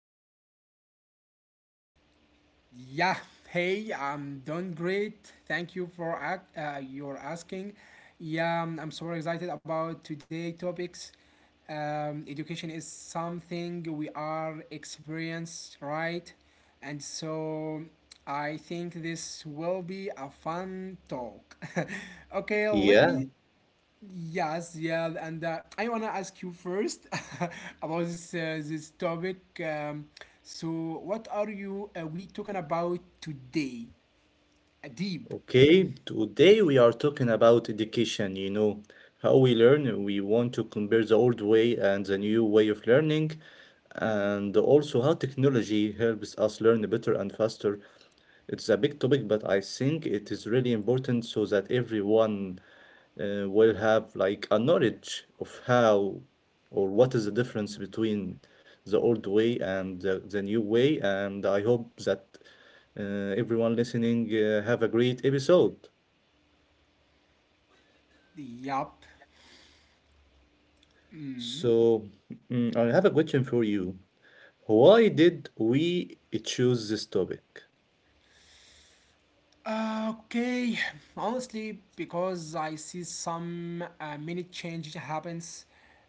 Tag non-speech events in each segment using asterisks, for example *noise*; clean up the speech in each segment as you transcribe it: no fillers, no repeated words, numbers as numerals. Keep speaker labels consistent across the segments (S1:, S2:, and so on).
S1: today's podcast?
S2: Yeah, hey, I'm doing great. Thank you for your asking. Yeah, I'm so excited about today topics. Education is something we are experienced, right? And so I think this will be a fun talk. *laughs* Okay, let
S1: Yeah.
S2: me— Yes, yeah, and I wanna ask you first *laughs* about this topic. So, what are you we talking about today? Uh, deep,
S1: Okay, today we are talking about education, how we learn. We want to compare the old way and the new way of learning, and also how technology helps us learn better and faster. It's a big topic, but I think it is really important so that everyone will have like a knowledge of how or what is the difference between the old way and the new way. And I hope that everyone listening have a great episode.
S2: yup.
S1: So I have a question for you. Why did we choose this topic?
S2: Okay, honestly, because I see some many changes happens.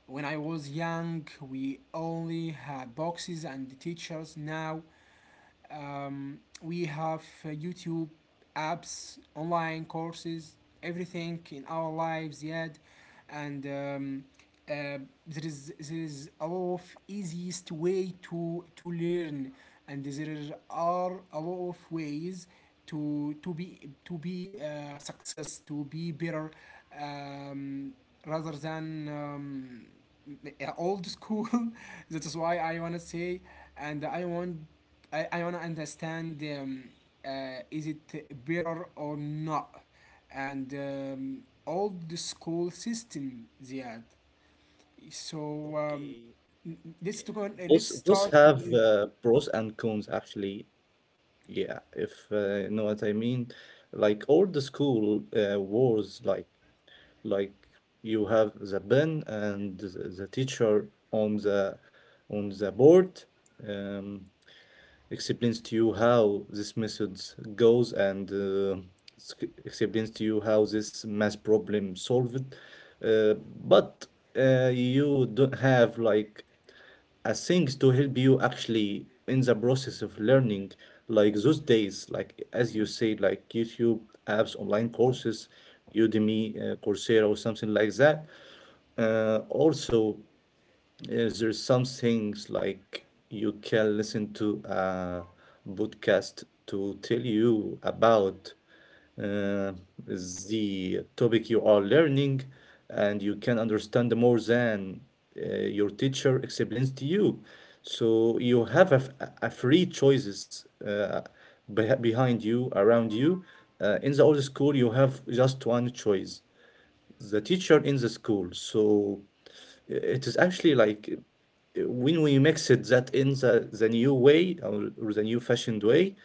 S2: When I was young, we only had boxes and teachers. Now we have YouTube apps, online courses, everything in our lives yet, and uh, there is a lot of easiest way to learn, and there are a lot of ways to be to be success to be better um, rather than old school. *laughs* That is why I want to say, and I want to understand is it better or not, and old school system, Ziad. so um,
S1: Okay,
S2: n- let's to go.
S1: both
S2: Let's
S1: both
S2: start
S1: have
S2: with—
S1: pros and cons actually. Yeah, if you know what I mean, like old school wars, like you have the pen and the teacher on the board, um, explains to you how this method goes and explains to you how this math problem solved. Uh, but you don't have like a things to help you actually in the process of learning, like those days, like as you say, like YouTube, apps, online courses, Udemy, Coursera or something like that, also. Yes, there's some things like you can listen to a podcast to tell you about uh, the topic you are learning, and you can understand more than your teacher explains to you. So you have a free choices behind you, around you. In the old school, you have just one choice, the teacher in the school. So it is actually like when we mix it that in the new way or the new fashioned way,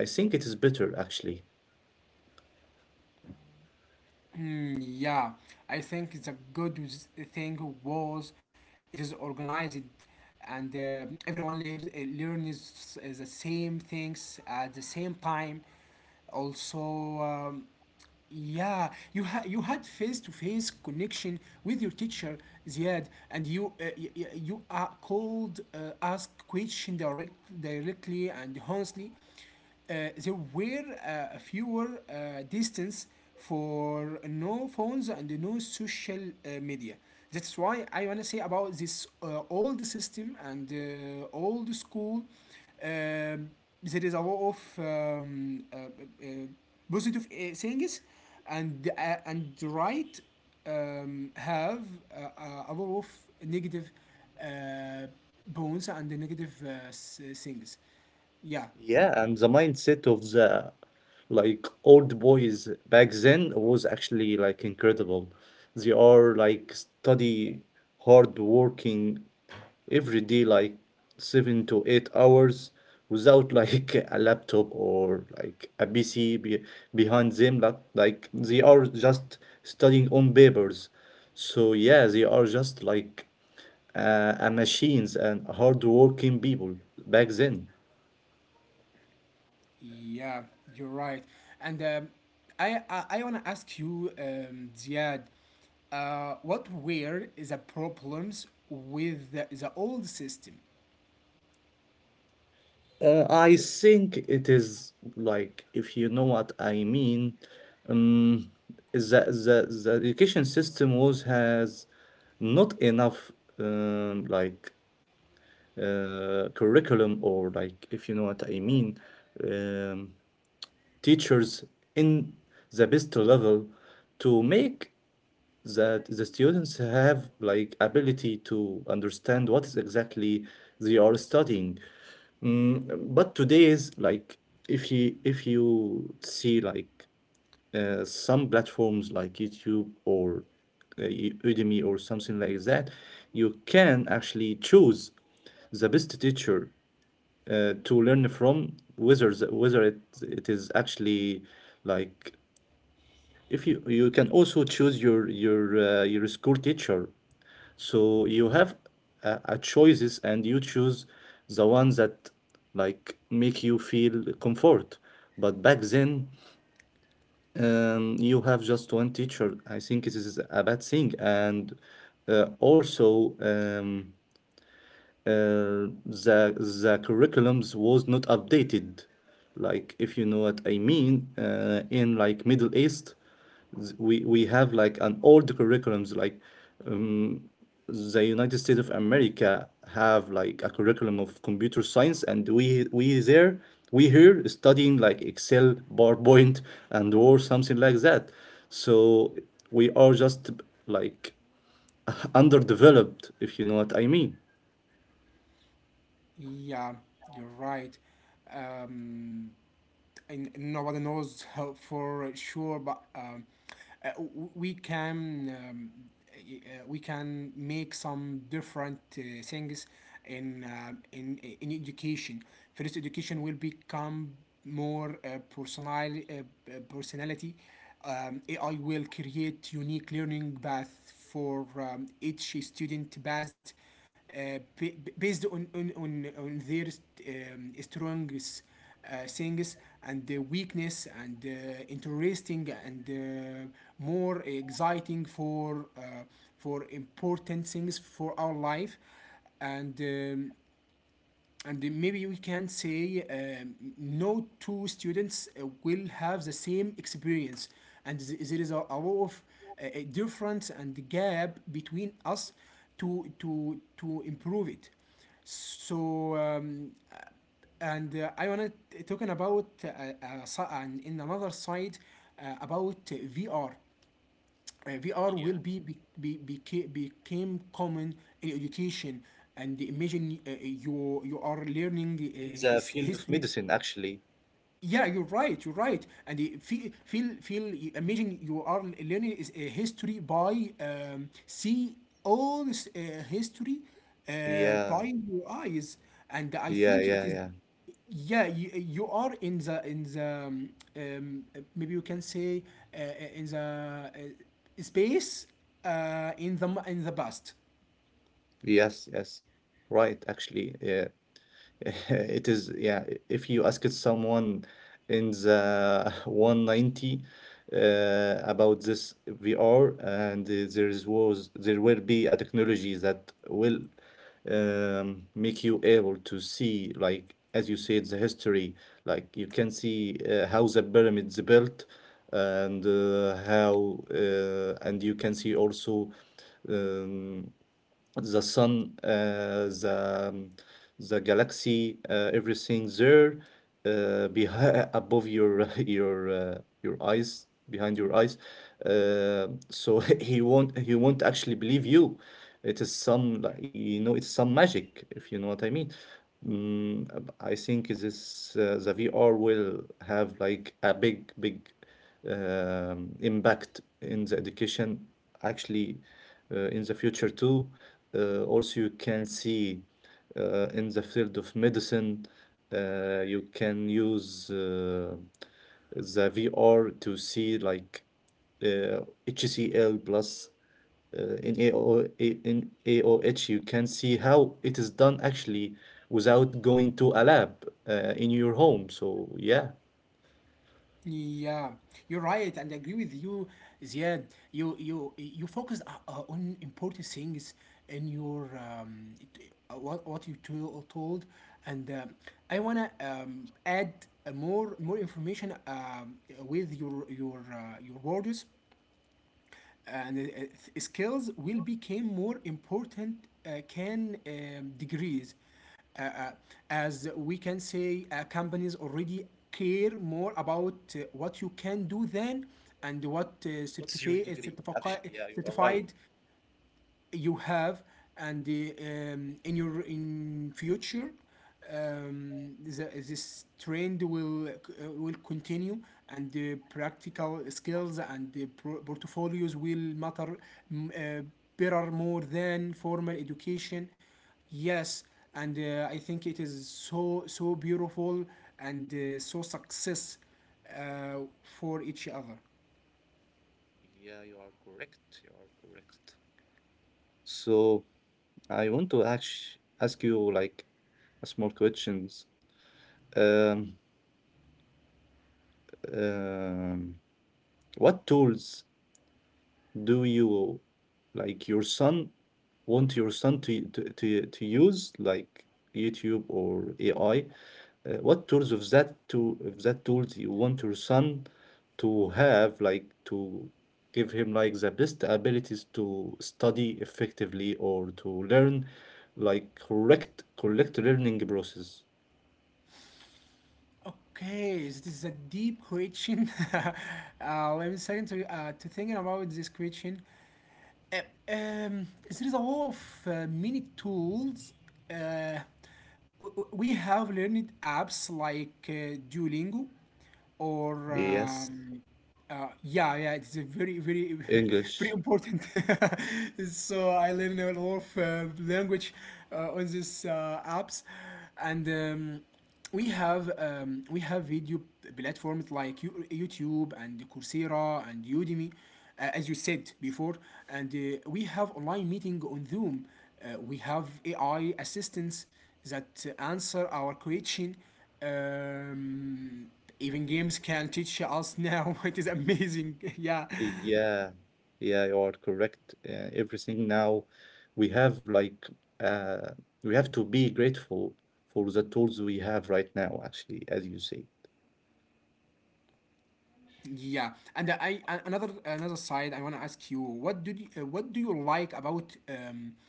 S1: I think it is better actually.
S2: Hmm, yeah, I think the thing was it is organized, and everyone learns, learns the same things at the same time. Also, um, yeah, you had face-to-face connection with your teacher, Ziad, and you are called ask question directly and honestly. There were fewer distance for no phones and no social media. That's why I wanna say about this old system and old school. Um there is a lot of positive things, and right, have a lot of negative uh, bones and the negative things, yeah.
S1: Yeah, and the mindset of the like old boys back then was actually like incredible. They are like study, hard working every day like 7 to 8 hours without like *laughs* a laptop or like a PC be behind them like they are just studying on papers. So yeah, they are just like a machines and hard working people back then.
S2: Yeah, you're right, and I want to ask you, Ziad, what were the problems with the old system?
S1: I think it is like if you know what I mean, um, the education system was has not enough like curriculum, or like if you know what I mean, um, teachers in the best level to make that the students have like ability to understand what is exactly they are studying. But today is like, if you see like some platforms like YouTube or Udemy or something like that, you can actually choose the best teacher to learn from, whether whether it is actually like, if you can also choose your school teacher, so you have a choices and you choose the ones that like make you feel comfort. But back then, you have just one teacher. I think this is a bad thing, and also. Uh, the the curriculums was not updated, like if you know what I mean, in like Middle East, we have like an old curriculums, like the United States of America have like a curriculum of computer science and we there, we here studying like Excel, PowerPoint and or something like that, so we are just like underdeveloped, if you know what I mean.
S2: Yeah, you're right. um, and nobody knows how for sure, but uh, we can um, we can make some different things in in education. First, education will become more personal, personality. AI will create unique learning path for each student based based on their strongest things and the weakness and interesting and more exciting for important things for our life, and um, and maybe we can say, no two students will have the same experience, and there is a lot of a difference and gap between us to improve it. So and I want to talking about and in another side about VR will became common in education, and imagine you you are learning
S1: In the
S2: his
S1: field of
S2: history.
S1: medicine actually.
S2: Yeah, you're right, you're right and You feel imagine you are learning is a history by see all this history
S1: Yeah,
S2: by your eyes, and I
S1: yeah,
S2: think
S1: yeah,
S2: it is—
S1: yeah.
S2: Yeah, you are in the um, maybe you can say, uh, in the space in the past.
S1: Yes, yes, right, actually, yeah. *laughs* It is, yeah, if you asked someone in the *laughs* 190 about this VR, and there is was there will be a technology that will make you able to see, like as you said, the history. Like you can see how the pyramids built, and and you can see also, um, the sun, the the galaxy, everything there, behind *laughs* above your *laughs* your eyes, behind your eyes. So *laughs* he won't actually believe you. It is some like, it's some magic, if you know what I mean. Mm, I think is this, the VR will have like a big impact in the education actually, in the future too. Also, you can see in the field of medicine, you can use the VR to see like uh, HCl plus in AOA, in AOH, you can see how it is done actually without going to a lab in your home. So yeah.
S2: Yeah, you're right, and I agree with you, Ziad. You focused on important things in your what you told, and I wanna add more more information with your your words, and skills will become more important can degrees. uh, uh, as we can say, companies already care more about what you can do than— and what
S1: What's your degree? Actually, yeah, you are right.
S2: certified you have. And the, in your in future, this trend will will continue, and the practical skills and the portfolios will matter, mm, uh, better more than formal education. Yes, and I think it is so so beautiful, and so success for each other.
S1: Yeah, you are correct. You are correct. So I want to ask you like a small questions. Um, um, what tools do you like your son, want your son to use, like YouTube or AI? What tools of that, to of that tools you want your son to have, like to give him like the best abilities to study effectively or to learn like correct learning process.
S2: Okay, so this is a deep question. *laughs* Let me second to thinking about this question. Uh, there is a lot of many tools. Uh, we have learned apps like Duolingo, or
S1: Yes,
S2: yeah, yeah, it's a very, very, *laughs* very
S1: English.
S2: important. *laughs* So I learned a lot of language on these apps, and we have video platforms like YouTube and Coursera and Udemy, as you said before, and we have online meeting on Zoom. We have AI assistants that answer our question. Um, Even games can teach us now. *laughs* It is amazing. *laughs* Yeah,
S1: Yeah, yeah, you are correct. Everything now we have like uh, we have to be grateful for the tools we have right now, actually, as you say.
S2: yeah, and I and another another side I want to ask you, what do what do you like about um,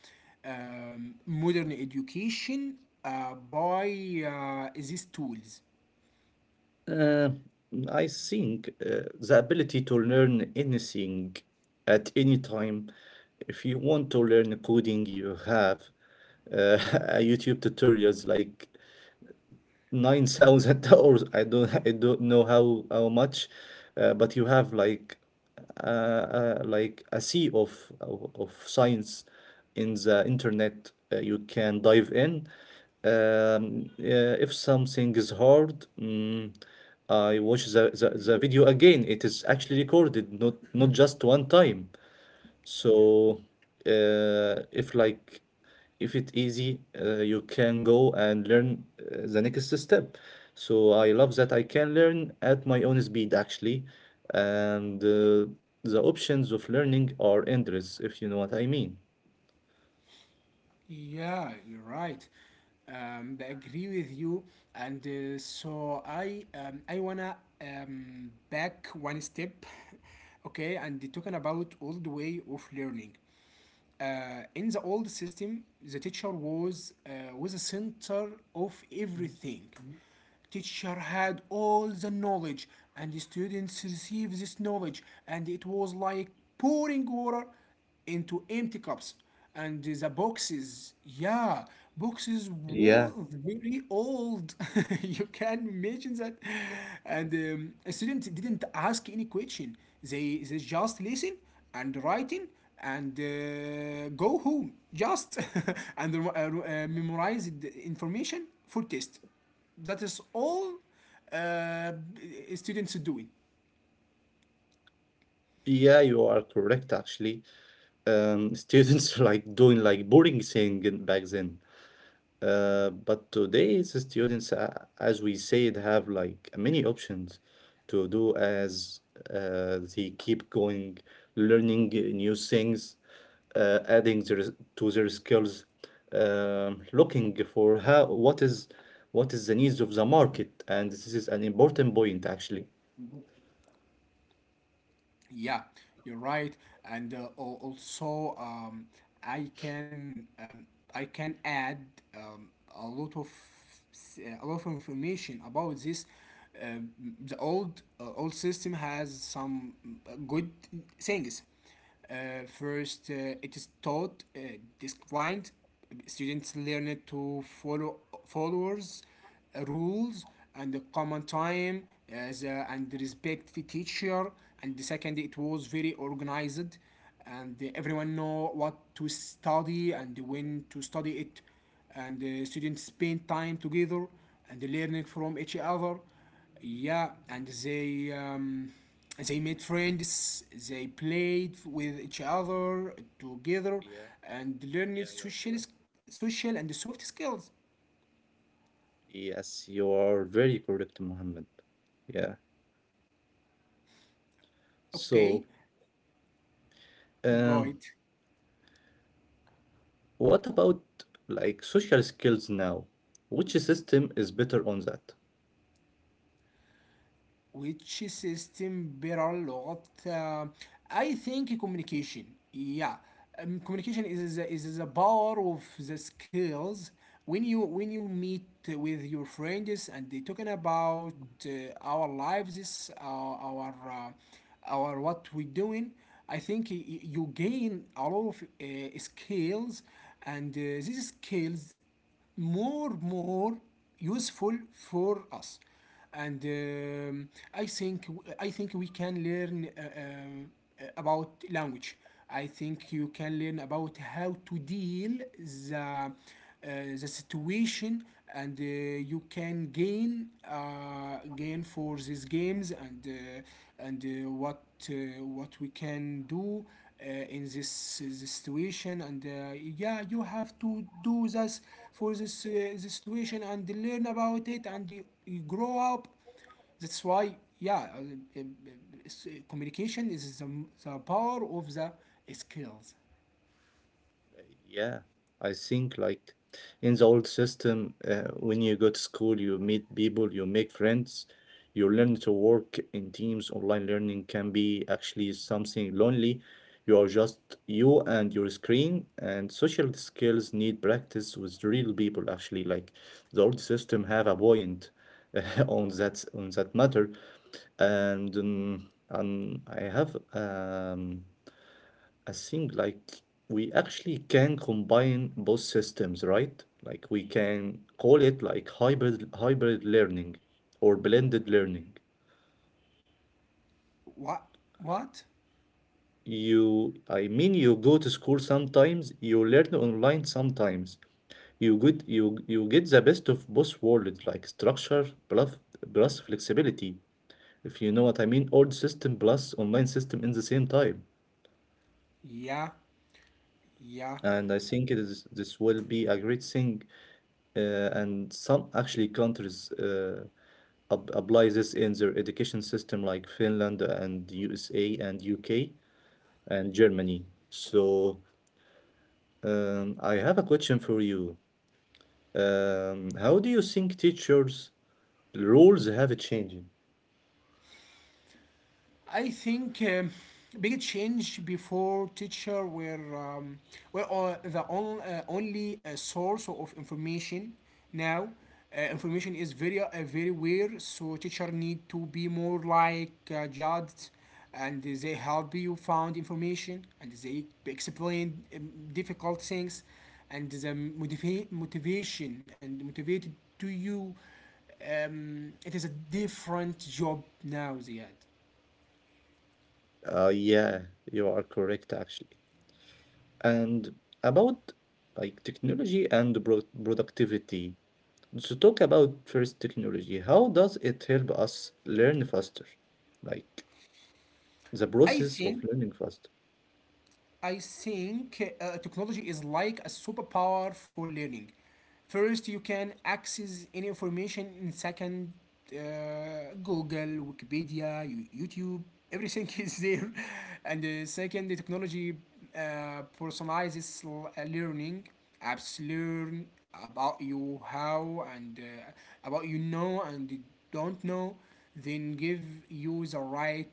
S2: um, modern education by these tools?
S1: Uh, I think the ability to learn anything at any time. If you want to learn coding, you have uh, *laughs* YouTube tutorials like $9,000. I don't know how much, but you have like a sea of science in the internet. You can dive in. If something is hard, I watch the video again. It is actually recorded, not just one time.
S2: Yeah,
S1: So, if if it's easy, you can go and learn the next step. So I love that I can learn at my own speed actually, and the options of learning are endless, if you know what I mean.
S2: yeah, you're right. I agree with you, and I wanna back one step, *laughs* okay, and talking about all the way of learning. In the old system, the teacher was the center of everything. Teacher had all the knowledge, and the students received this knowledge, and it was like pouring water into empty cups. And the boxes, yeah, boxes were
S1: Yeah,
S2: very old. *laughs* You can imagine that. And a student didn't ask any question. They just listen and writing and go home just *laughs* and memorize the information for test. That is all uh, students doing.
S1: yeah, you are correct actually. Students *laughs* like doing like boring thing back then. But today's students, as we said, have like many options to do as, they keep going, learning new things, adding to their skills, looking for how what is the needs of the market, and this is an important point actually.
S2: Yeah, you're right, and uh, also um, i can um, i can add um, a lot of information about this. Um the old old system has some good things. First, it is taught, described. Students learn to follow followers, rules, and the common time as a, and respect the teacher. And the second, it was very organized, and everyone know what to study and when to study it, and students spend time together and learning from each other. Yeah, and they made friends, they played with each other together,
S1: Yeah,
S2: and learned
S1: yeah, you are
S2: social,
S1: correct.
S2: social and soft skills.
S1: Yes, you are very correct, Mohammed. Yeah.
S2: Okay,
S1: So,
S2: go
S1: um,
S2: it.
S1: what about like social skills now? Which system is better on that?
S2: Which system— barrel لغات I think communication, yeah, communication is is the power of the skills. When you meet with your friends and they talking about uh, our lives, uh, our uh, our what we doing, I think you gain a lot of skills, and these skills more more useful for us. And I think I think we can learn about language. I think you can learn about how to deal the uh, the situation, and you can gain gain for these games and what uh, what we can do uh, in this situation. And yeah, you have to do this for this, this situation, and learn about it, and you grow up. That's why, yeah, communication is the power of the skills.
S1: Yeah, I think like in the old system, when you go to school, you meet people, you make friends, you learn to work in teams. Online learning can be actually something lonely. You are just you and your screen, and social skills need practice with real people. Actually, like the old system have a point *laughs* on that matter. And I have a thing like, we actually can combine both systems, right? Like we can call it like hybrid learning or blended learning.
S2: What? What?
S1: You, I mean, you go to school sometimes, you learn online sometimes. You get the best of both worlds, like structure plus flexibility, if you know what I mean, old system plus online system in the same time.
S2: Yeah, yeah.
S1: And I think it is this will be a great thing, and some actually countries apply this in their education system, like Finland and USA and UK and Germany. So I have a question for you. How do you think teachers' roles have changed?
S2: I think big change before teacher were only source of information. Now, information is very very weird. So teacher need to be more like judged, and they help you found information, and they explain difficult things, and the motivation and motivated to you. It is a different job now, Ziad.
S1: Yeah, you are correct actually. And about like technology and productivity. So talk about first technology. How does it help us learn faster? Like the
S2: I
S1: process of
S2: think
S1: learning faster.
S2: technology is like a superpower for learning. First, you can access any information. In second, Google, Wikipedia, YouTube, everything *laughs* is there. And second, the technology personalizes learning apps learn about you how and about you know and don't know, then give you the right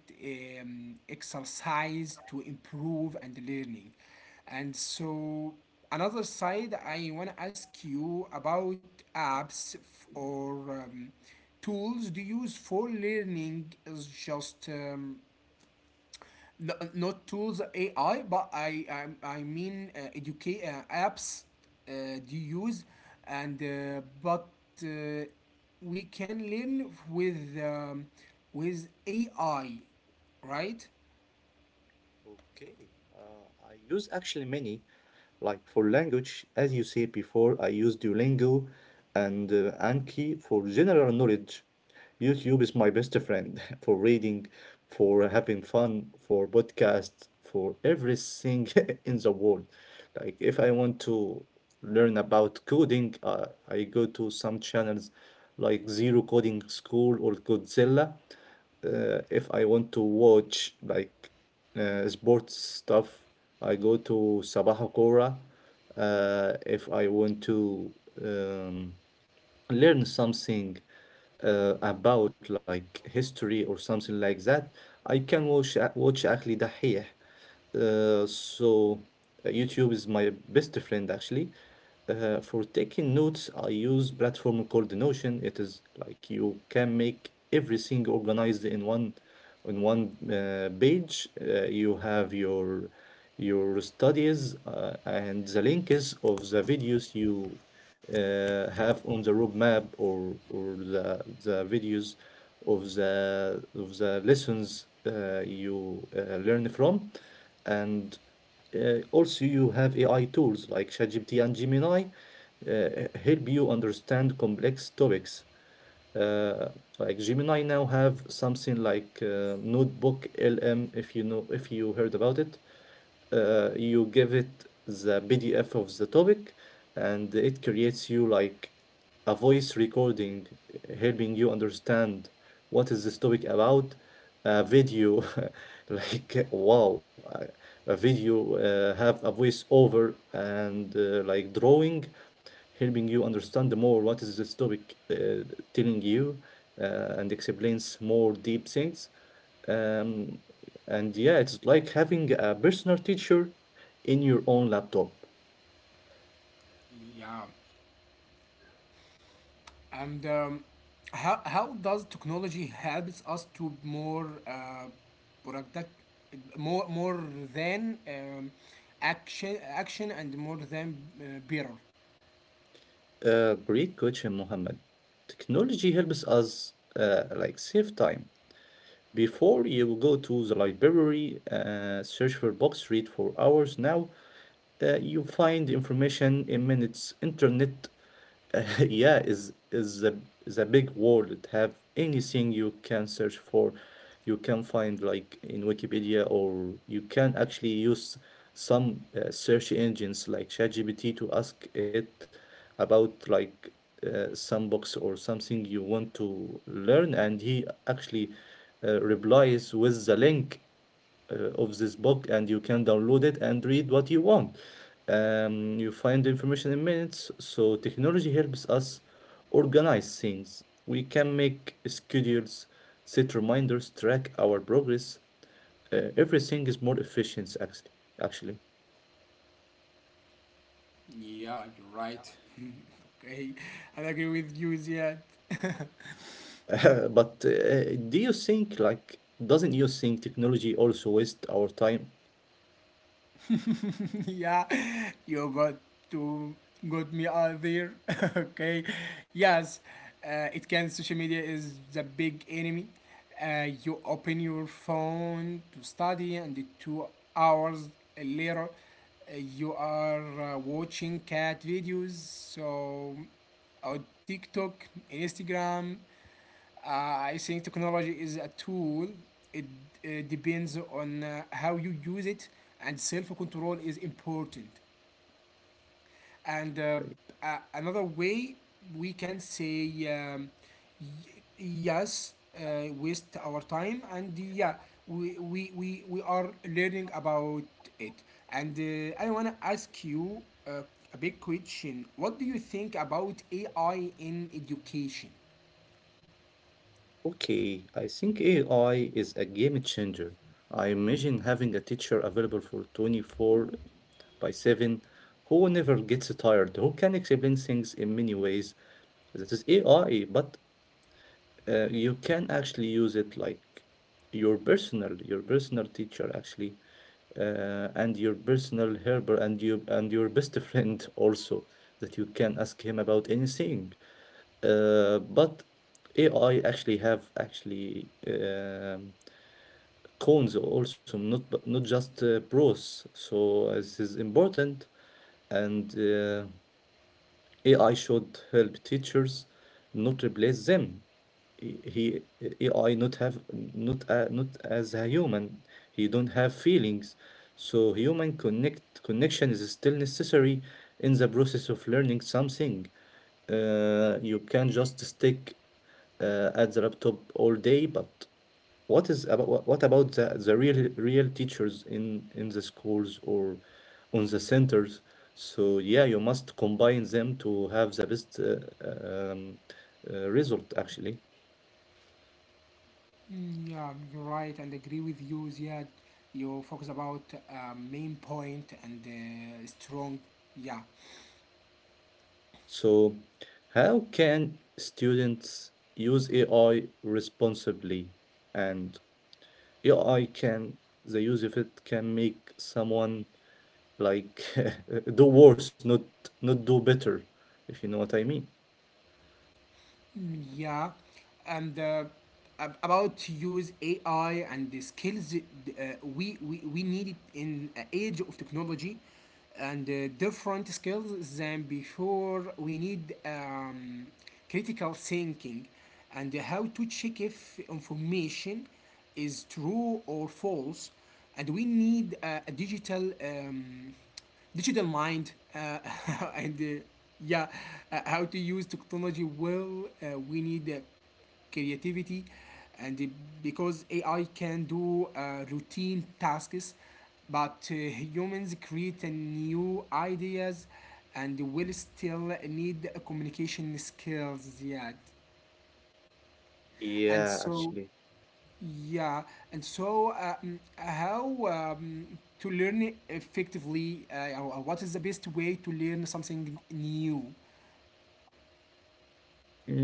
S2: exercise to improve and learning. And so another side I want to ask you about apps or tools do you use for learning. Is just no, not tools AI, but I mean educate apps do you use, and but uh, we can learn with AI, right?
S1: Okay, I use actually many. Like for language, as you said before, I use Duolingo and Anki for general knowledge. YouTube is my best friend *laughs* for reading, for having fun, for podcasts, for everything *laughs* in the world. Like if I want to learn about coding, I go to some channels like Zero Coding School or Godzilla. If I want to watch like sports stuff, I go to Sabah Kora. If I want to um, learn something about like history or something like that, I can watch actually دحيح. So YouTube is my best friend actually. For taking notes, I use platform called Notion. It is like you can make everything organized in one page. You have your studies and the links of the videos you have on the roadmap or the videos of the lessons, you learn from, and also you have AI tools like ChatGPT and Gemini uh, help you understand complex topics. Uh, like Gemini now have something like Notebook LM. If you know, if you heard about it, you give it the PDF of the topic, and it creates you like a voice recording, helping you understand what is this topic about, a video, *laughs* like wow, a video have a voice over and, like drawing, helping you understand more what is this topic, telling you, and explains more deep things. um, and yeah, it's like having a personal teacher in your own laptop.
S2: Yeah. And how does technology helps us to more product more more than action action and more than better?
S1: Great question, Mohammed. Technology helps us like save time. Before, you go to the library, search for books, read for hours. Now you find information in minutes. Internet *laughs* yeah, is a is a big world. It have anything you can search for. You can find like in Wikipedia, or you can actually use some search engines like ChatGPT to ask it about like some books or something you want to learn, and he actually replies with the link of this book, and you can download it and read what you want. You find the information in minutes, so technology helps us organize things. We can make schedules, set reminders, track our progress. Everything is more efficient, actually. Actually,
S2: Yeah, you're right. *laughs* Okay, I agree with you, Ziad.
S1: *laughs* but do you think, like, doesn't you think technology also waste our time?
S2: *laughs* Yeah, you got to got me out there. *laughs* Okay, yes, it can. Social media is the big enemy. You open your phone to study, and the 2 hours later, you are watching cat videos. So on TikTok, Instagram, Uh, I think technology is a tool. It depends on how you use it, and self control is important. And uh, another way we can say y- yes, waste our time, and yeah, we are learning about it. And I want to ask you uh, a big question. What do you think about AI in education?
S1: Okay, I think AI is a game changer. I imagine having a teacher available for 24 by 7, who never gets tired, who can explain things in many ways. That is AI, but you can actually use it like your personal teacher actually, and your personal helper, and you, and your best *laughs* friend also, that you can ask him about anything. But AI actually have actually cons also, not just pros. So this is important, and AI should help teachers, not replace them. He he- AI not have not a, not as a human. He don't have feelings. So human connection is still necessary in the process of learning something. You can just stick at the laptop all day, but what about the real teachers in the schools or on the centers? So yeah, you must combine them to have the best um, result actually.
S2: Yeah, you're right, and agree with you, Ziad. You focus about main point and strong. Yeah.
S1: So how can students use AI responsibly? And AI, can the use of it can make someone like *laughs* do worse, not do better, if you know what I mean.
S2: Yeah, and uh, about to use AI and the skills, we need it in a age of technology, and different skills than before. We need critical thinking, and how to check if information is true or false, and we need a digital. Digital mind. *laughs* And yeah How to use technology well. We need creativity, and because AI can do routine tasks, but humans create a new ideas, and will still need communication skills yet. And
S1: Yeah,
S2: so
S1: actually.
S2: yeah, and so How um, to learn effectively? Or what is the best way to learn something new?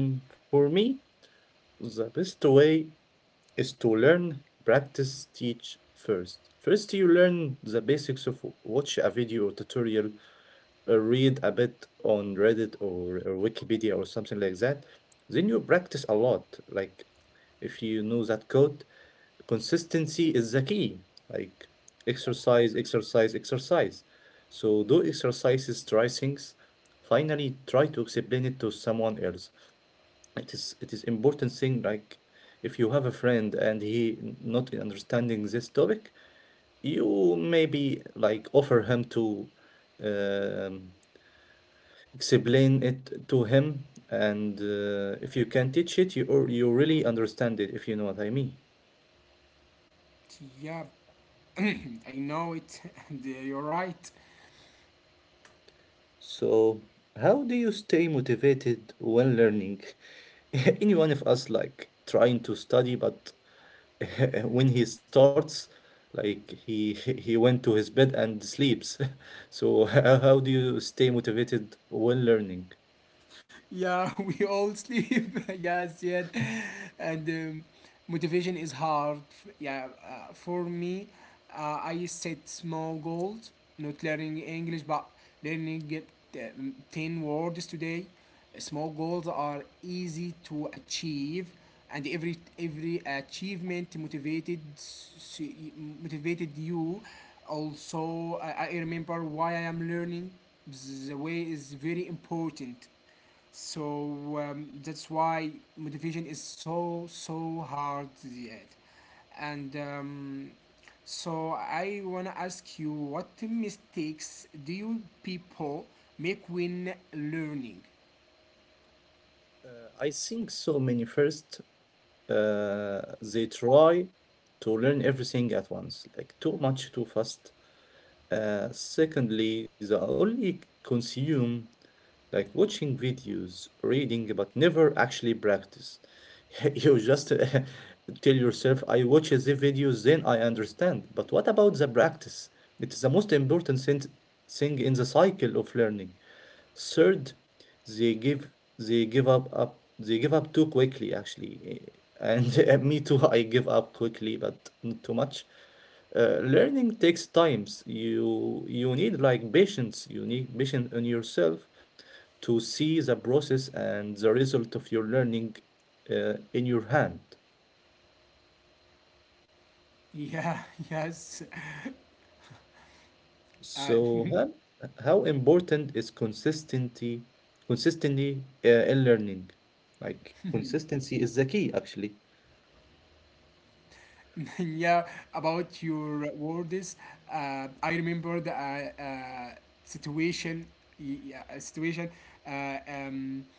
S1: Mm, for me, the best way is to learn, practice, teach. First, first, you learn the basics of watch a video or tutorial, or read a bit on Reddit, or Wikipedia or something like that. Then you practice a lot. Like, if you know that code, consistency is the key. Like, exercise, exercise, exercise. So, do exercises, try things. Finally, try to explain it to someone else. It is important thing. Like, if you have a friend and not in understanding this topic, you maybe like offer him to um, explain it to him, and if you can teach it, you or you really understand it, if you know what I mean.
S2: Yeah, *clears throat* I know it, *laughs* and you're right.
S1: So how do you stay motivated when learning? *laughs* Anyone of us like trying to study, but *laughs* when he starts, like he went to his bed and sleeps. *laughs* So *laughs* how do you stay motivated when learning?
S2: Yeah, *laughs* we all sleep. *laughs* Yes, yet, and motivation is hard. Yeah, for me, I set small goals. Not learning English, but learning it, 10 words today. Small goals are easy to achieve, and every achievement motivated motivated you. Also, I remember why I am learning. The way is very important. So that's why motivation is so so hard yet. And so I wanna ask you, what mistakes do you people make when learning?
S1: I think so many. First, uh, they try to learn everything at once, like too much, too fast. Secondly, they only consume, like watching videos, reading, but never actually practice. *laughs* You just *laughs* tell yourself, I watch the videos, then I understand. But what about the practice? It is the most important thing in the cycle of learning. Third, they give they give up too quickly, actually. Eh, and *laughs* me too. I give up quickly, but not too much. Learning takes times. You need like patience, you need patience on yourself to see the process and the result of your learning in your hand.
S2: Yeah, *laughs* yes. Uh,
S1: So
S2: *laughs*
S1: how important is consistency? Consistently in learning? Like consistency is the key, actually.
S2: *laughs* yeah, About your words. I remembered a situation, yeah, a situation. Uh, um,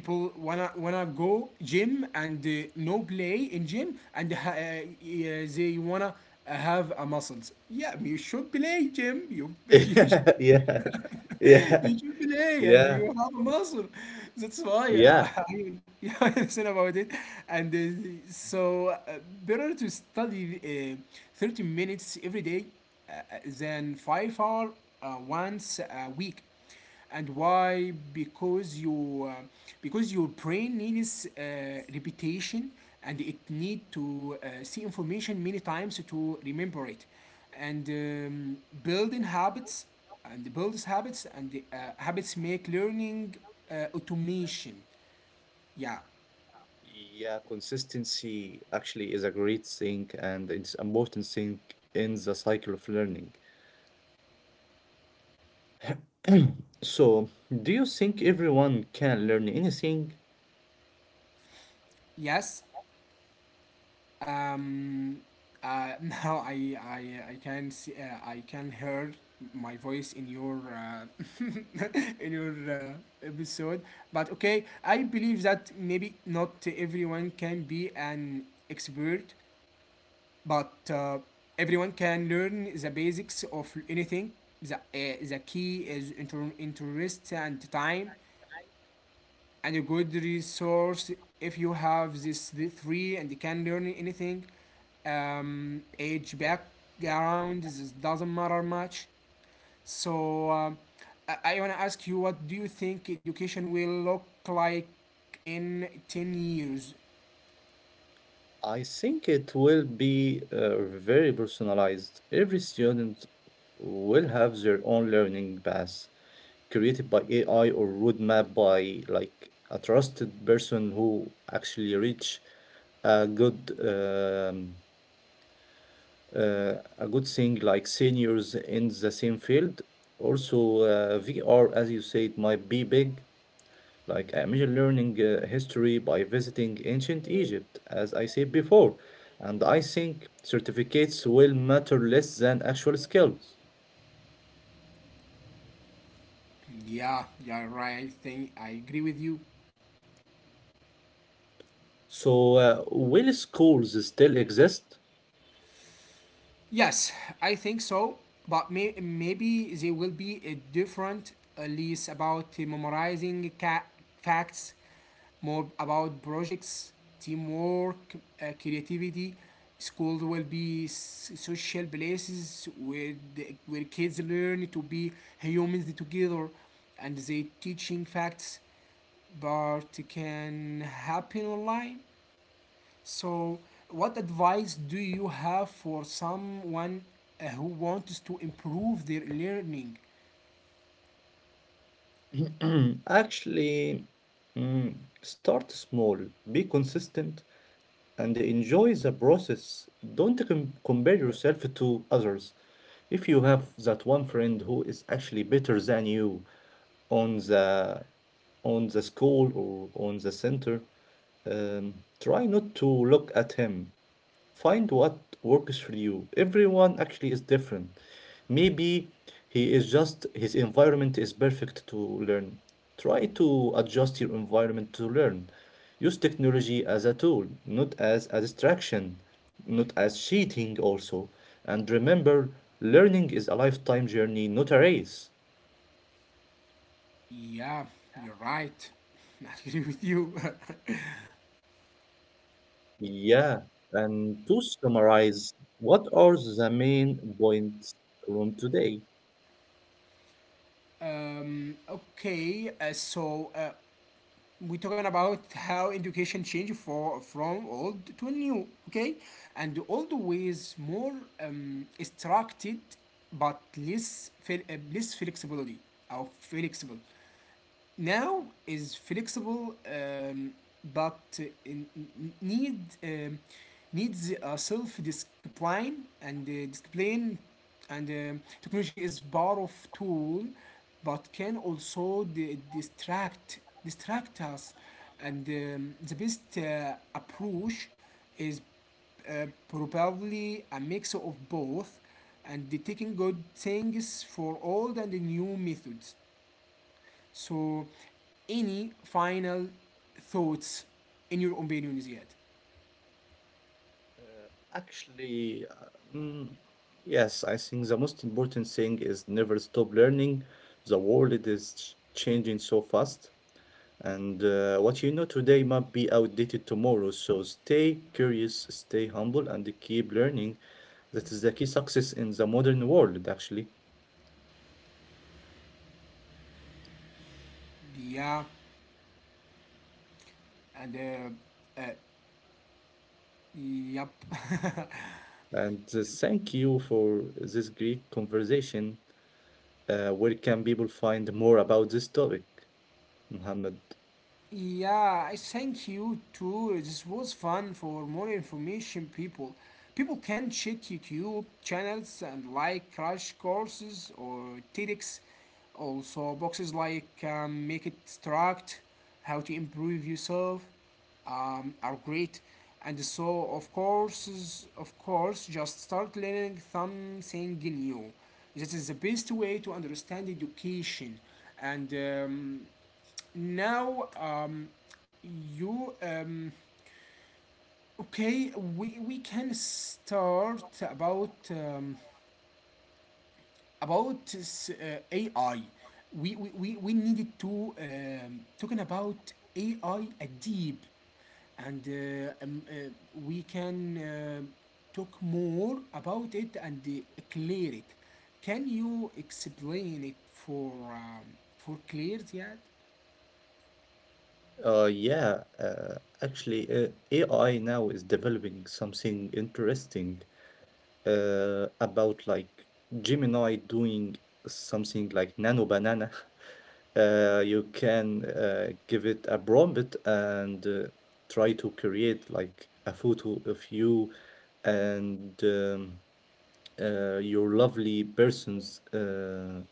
S2: People wanna go gym, and no play in gym, and they wanna have a muscles. Yeah, you should play gym. You *laughs* you
S1: *laughs* Yeah. Yeah.
S2: *laughs* you should play and
S1: Yeah.
S2: you have a muscle. That's why
S1: Yeah.
S2: I, *laughs* I yeah, I *laughs* understand about it. And so Better to study 30 minutes every day, than 5 hour once a week. And why? Because your brain needs repetition, and it need to see information many times to remember it. And um, building habits and builds habits, and habits make learning automation. Yeah.
S1: Yeah, consistency actually is a great thing, and it's important thing in the cycle of learning. So, do you think everyone can learn anything?
S2: Yes. Um, *laughs* Now I can see, I can hear my voice in your *laughs* in your episode. But okay, I believe that maybe not everyone can be an expert, but everyone can learn the basics of anything. The key is interest and time and a good resource. If you have this the three, and you can learn anything. Age, background, this doesn't matter much. So I want to ask you, what do you think education will look like in 10 years?
S1: I think it will be very personalized. Every student will have their own learning path, created by AI, or roadmap by like a trusted person who actually reach a good um, a good thing, like seniors in the same field. Also, VR, as you say, it might be big, like I imagine learning history by visiting ancient Egypt, as I said before, and I think certificates will matter less than actual skills.
S2: Yeah, yeah, right, I think I agree with you.
S1: So, will schools still exist?
S2: Yes, I think so. But maybe there will be a different lease about memorizing facts, more about projects, teamwork, creativity. Schools will be social places where the, where kids learn to be humans together, and they teaching facts. But can happen online. So, what advice do you have for someone who wants to improve their learning?
S1: *clears throat* Actually, mm, start small, be consistent, and enjoy the process. Don't compare yourself to others. If you have that one friend who is actually better than you on the on the school or on the center, try not to look at him. Find what works for you. Everyone actually is different. Maybe his environment is perfect to learn. Try to adjust your environment to learn. Use technology as a tool, not as a distraction, not as cheating also. And remember, learning is a lifetime journey, not a race.
S2: Yeah, you're right. *laughs* I agree with you.
S1: Yeah, and to summarize, what are the main points from today?
S2: *laughs* Okay, we're talking about how education changed for from old to new. Okay, and old ways more structured, but less less flexibility or flexible. Now is flexible, but in, need needs self-discipline and discipline. And Technology is part of tool, but can also distract distract us. And The best approach is probably a mix of both, and the taking good things for old and the new methods. So, any final thoughts in your opinions yet?
S1: Actually, yes, I think the most important thing is never stop learning. The world is changing so fast, and what you know today might be outdated tomorrow. So stay curious, stay humble, and keep learning. That is the key success in the modern world, actually.
S2: Yeah, and yep. *laughs*
S1: And thank you for this great conversation. Where can people find more about this topic, Muhammad?
S2: Yeah, I thank you too. This was fun. For more information, people can check YouTube channels and like crash courses or TEDx. Also, boxes like make it struct, how to improve yourself, are great. And of course, just start learning something new. This is the best way to understand education. And. Now, you Okay? We can start about AI. We needed to talking about AI, a I, at deep, and we can talk more about it and clear it. Can you explain it for um, for clear yet?
S1: Yeah, actually, AI now is developing something interesting, about like Gemini doing something like Nano Banana. *laughs* You can give it a prompt and, try to create like a photo of you and your lovely person's,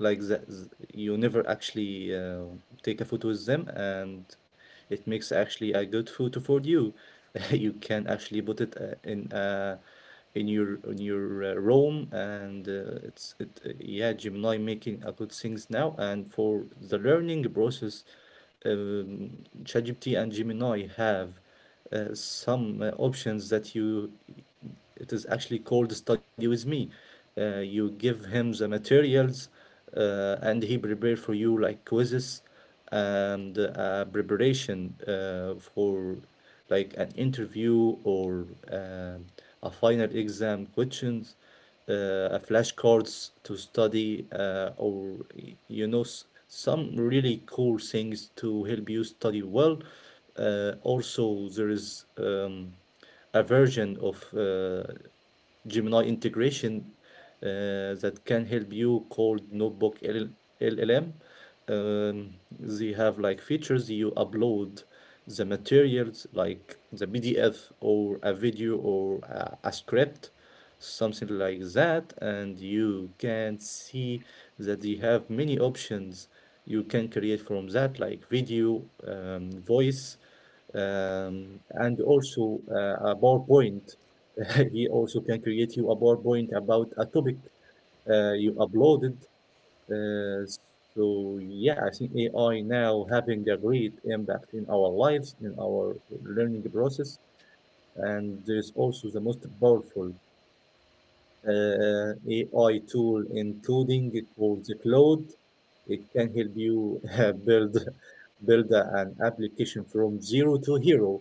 S1: like that, you never actually take a photo with them, and it makes actually a good photo for you. *laughs* You can actually put it in your room, and it's it yeah, Gemini making a good things now. And for the learning process, um, ChatGPT and Gemini have some options, that you, it is actually called study with me. You give him the materials, and he prepare for you like quizzes, and preparation for like an interview, or a final exam questions, a flashcards to study, or some really cool things to help you study well. Also, there is a version of Gemini integration that can help you, called Notebook LL LLM. They have like features. You upload the materials, like the PDF or a video or a script something like that, and you can see that they have many options. You can create from that like video, voice, and also a PowerPoint. *laughs* He also can create you a PowerPoint about a topic you uploaded. uh, so yeah, I think AI now having a great impact in our lives, in our learning process, and there's also the most powerful AI tool, including called the Cloud. It can help you build an application from zero to hero,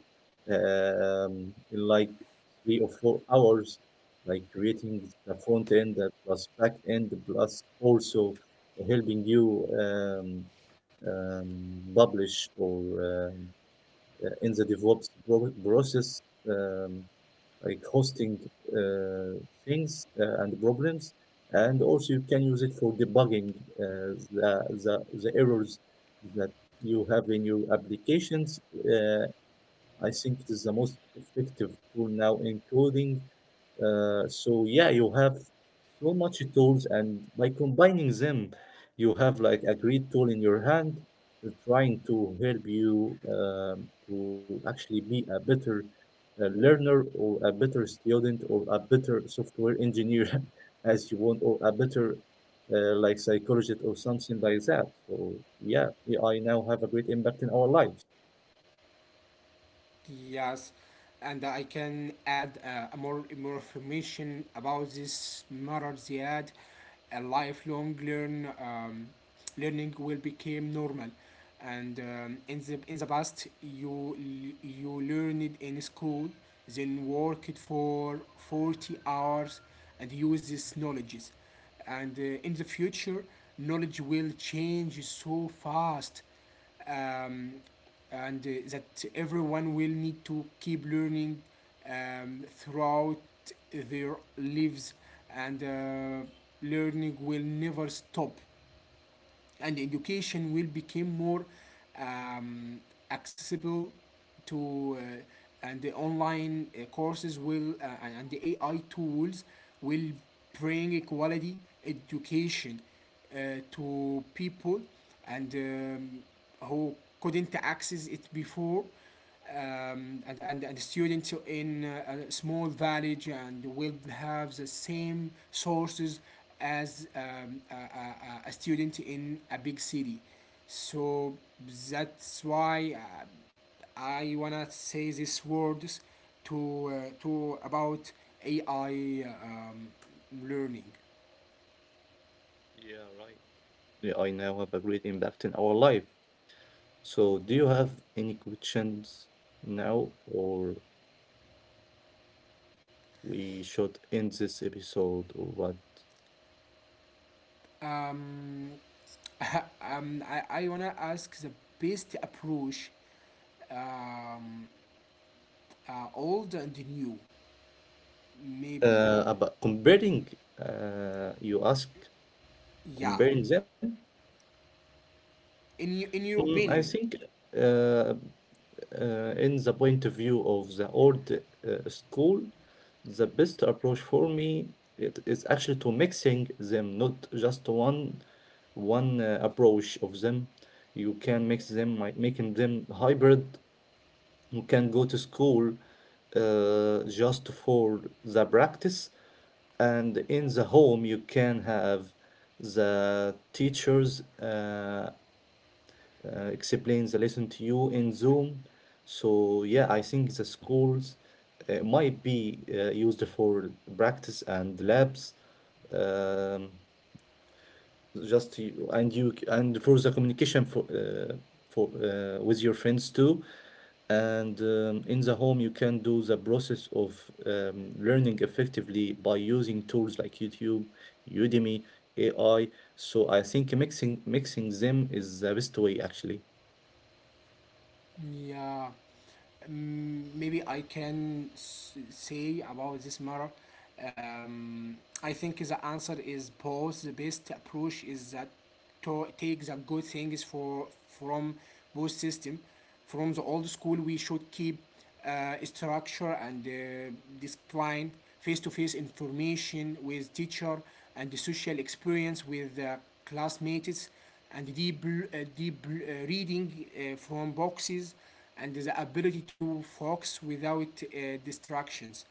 S1: in like 3 or 4 hours, like creating the front end plus back end, plus also helping you um, publish or um, in the DevOps process. Um, like hosting uh, things and problems, and also you can use it for debugging uh, the, the errors that you have in your applications. I think it is the most effective tool now in coding. So yeah, you have so much tools, and by combining them, you have like a great tool in your hand, trying to help you to actually be a better learner, or a better student, or a better software engineer, *laughs* as you want, or a better like psychologist or something like that. So yeah, AI now have a great impact in our lives.
S2: Yes, and I can add more information about this matter, Ziad. A lifelong learning will become normal, and in the past, you learned in school, then worked for 40 hours, and use these knowledges, and in the future, knowledge will change so fast, um, and that everyone will need to keep learning throughout their lives, and learning will never stop, and education will become more um, accessible to and the online courses will, and the AI tools will bring a quality education to people and who couldn't access it before. And students in a small village and will have the same sources as a student in a big city. So that's why I wanna say these words to about AI learning.
S1: Yeah, right. AI now have a great impact in our life. So, do you have any questions now, or we should end this episode, or what?
S2: Um, I wanna ask the best approach um, old and new. Maybe.
S1: About comparing, you ask
S2: Yeah.
S1: comparing them?
S2: In your, in your
S1: I
S2: opinion.
S1: think uh, in the point of view of the old school, the best approach for me it is actually to mixing them, not just one approach of them. You can mix them, like making them hybrid. You can go to school just for the practice, and in the home you can have the teachers explain the lesson to you in Zoom. So yeah, I think the schools might be used for practice and labs. um, just you, and and for the communication for with your friends too. And in the home you can do the process of learning effectively by using tools like YouTube, Udemy, AI. So I think mixing them is the best way actually.
S2: Yeah. Maybe I can say about this matter. Um, i think the answer is both. The best approach is that to take the good things for from both system. From the old school, we should keep structure and discipline, face-to-face information with teacher, and the social experience with classmates, and deep reading from boxes, and the ability to focus without distractions.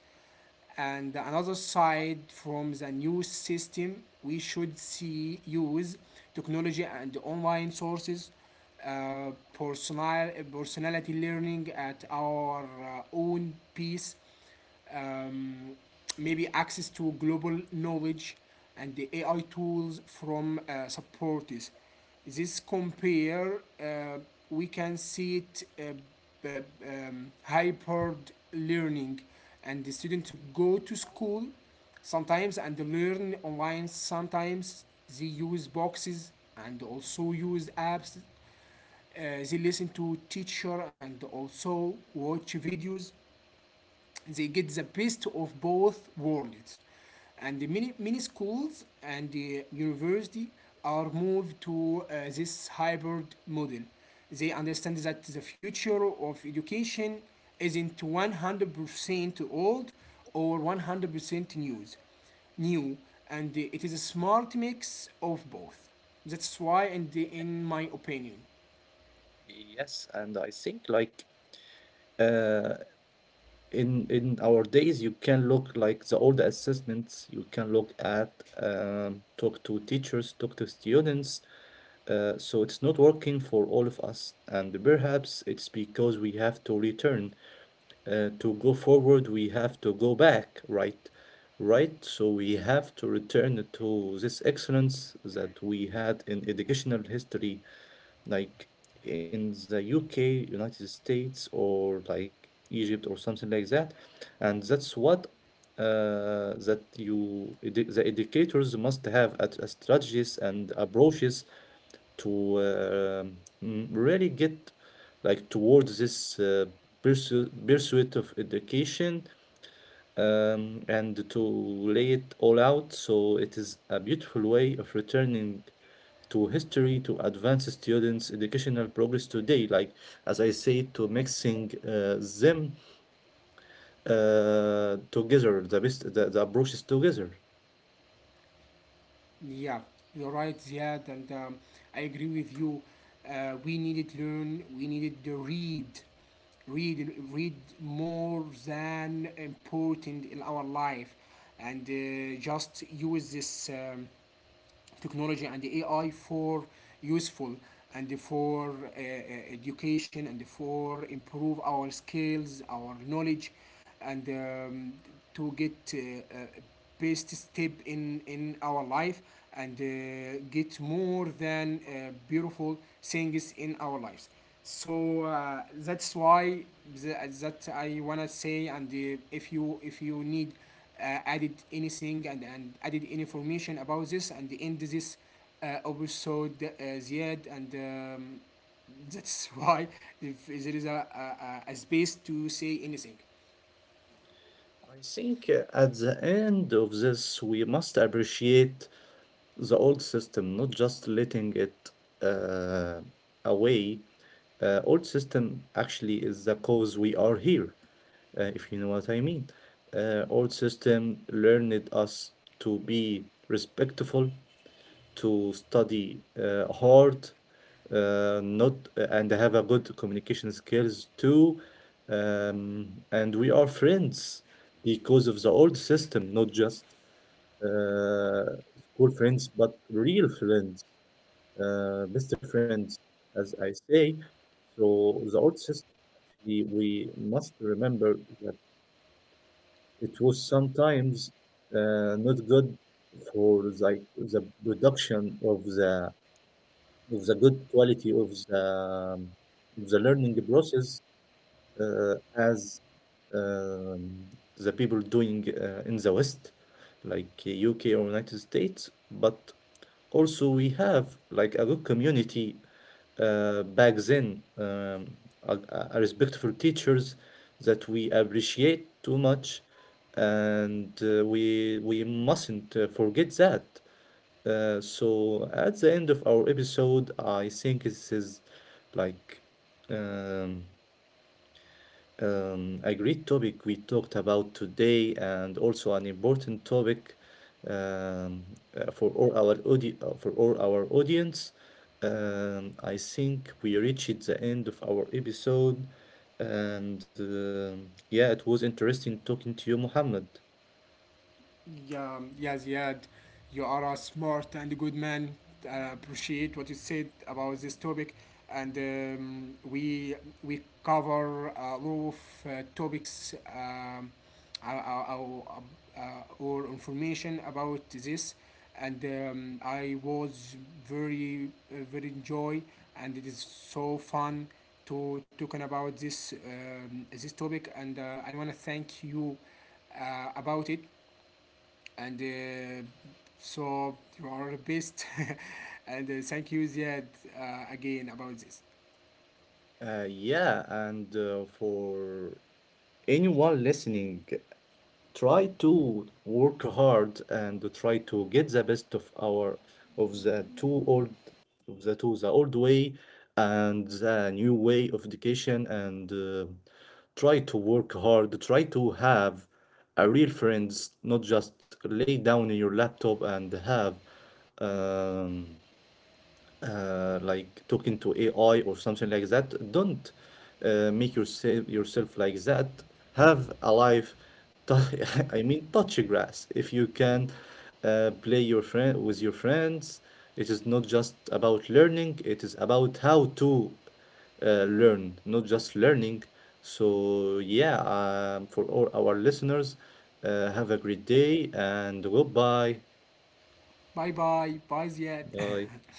S2: And another side, from the new system, we should see use technology and online sources, uh, personality learning at our own pace, um, maybe access to global knowledge and the AI tools from supporters. This compare, we can see it hybrid learning, and the student to go to school sometimes and learn online sometimes. They use boxes and also use apps. They listen to teacher and also watch videos. They get the best of both worlds, and the many schools and the university are moved to this hybrid model. They understand that the future of education isn't 100% old or 100% new and it is a smart mix of both. That's why, and in my opinion.
S1: Yes, and I think like uh, in our days you can look like the old assessments. You can look at, talk to teachers, talk to students. So it's not working for all of us, and perhaps it's because we have to return. To go forward, we have to go back, right? Right? So we have to return to this excellence that we had in educational history, like in the UK, United States, or like Egypt or something like that. And that's what that you the educators must have at a strategies and approaches to really get like towards this pursuit of education, and to lay it all out. So it is a beautiful way of returning to history to advance students' educational progress today, like as I say, to mixing them together, the best the approaches together.
S2: Yeah, you're right, Ziad, and I agree with you. We needed learn. We needed to read more than important in our life, and just use this. Technology and the AI for useful and for education and for improve our skills, our knowledge, and to get best step in our life, and get more than beautiful things in our lives. So that's why the, that I wanna say. And if you need added anything, and added any information about this, and end this episode, Ziad, and *laughs* that's why, if there is a space to say anything.
S1: I think at the end of this, we must appreciate the old system, not just letting it uh, away. Old system actually is the cause we are here, if you know what I mean. Old system learned us to be respectful, to study hard, not and have a good communication skills too. And we are friends because of the old system, not just uh, school friends, but real friends, best friends, as I say. So the old system, actually, we must remember that it was sometimes not good for like the production of the good quality of the learning process as um, the people doing in the West, like UK or United States. But also we have like a good community back then, a respectful teachers that we appreciate too much, and we mustn't forget that. So at the end of our episode, I think this is like um, a great topic we talked about today, and also an important topic. um, for all our for all our audience. I think we reached the end of our episode, and yeah, it was interesting talking to you, Mohammed.
S2: Yeah, yeah, Ziad, you are a smart and good man. I appreciate what you said about this topic, and we cover a lot of topics, uh, uh, uh, or information about this, and I was very very enjoy, and it is so fun to talking about this this topic, and I want to thank you about it, and so you are the best. *laughs* and Thank you, Ziad, again about this.
S1: Yeah, and for anyone listening, try to work hard and try to get the best of our of the two old of the two the old way and the new way of education, and try to work hard, try to have a real friends, not just lay down in your laptop and have um, like talking to AI or something like that. Don't make yourself like that. Have a life. tou- *laughs* I mean, touch grass. If you can play your friend with your friends, it is not just about learning. It is about how to learn, not just learning. So yeah, for all our listeners, have a great day and goodbye.
S2: Bye bye bye, Ziad.
S1: Bye.
S2: *laughs*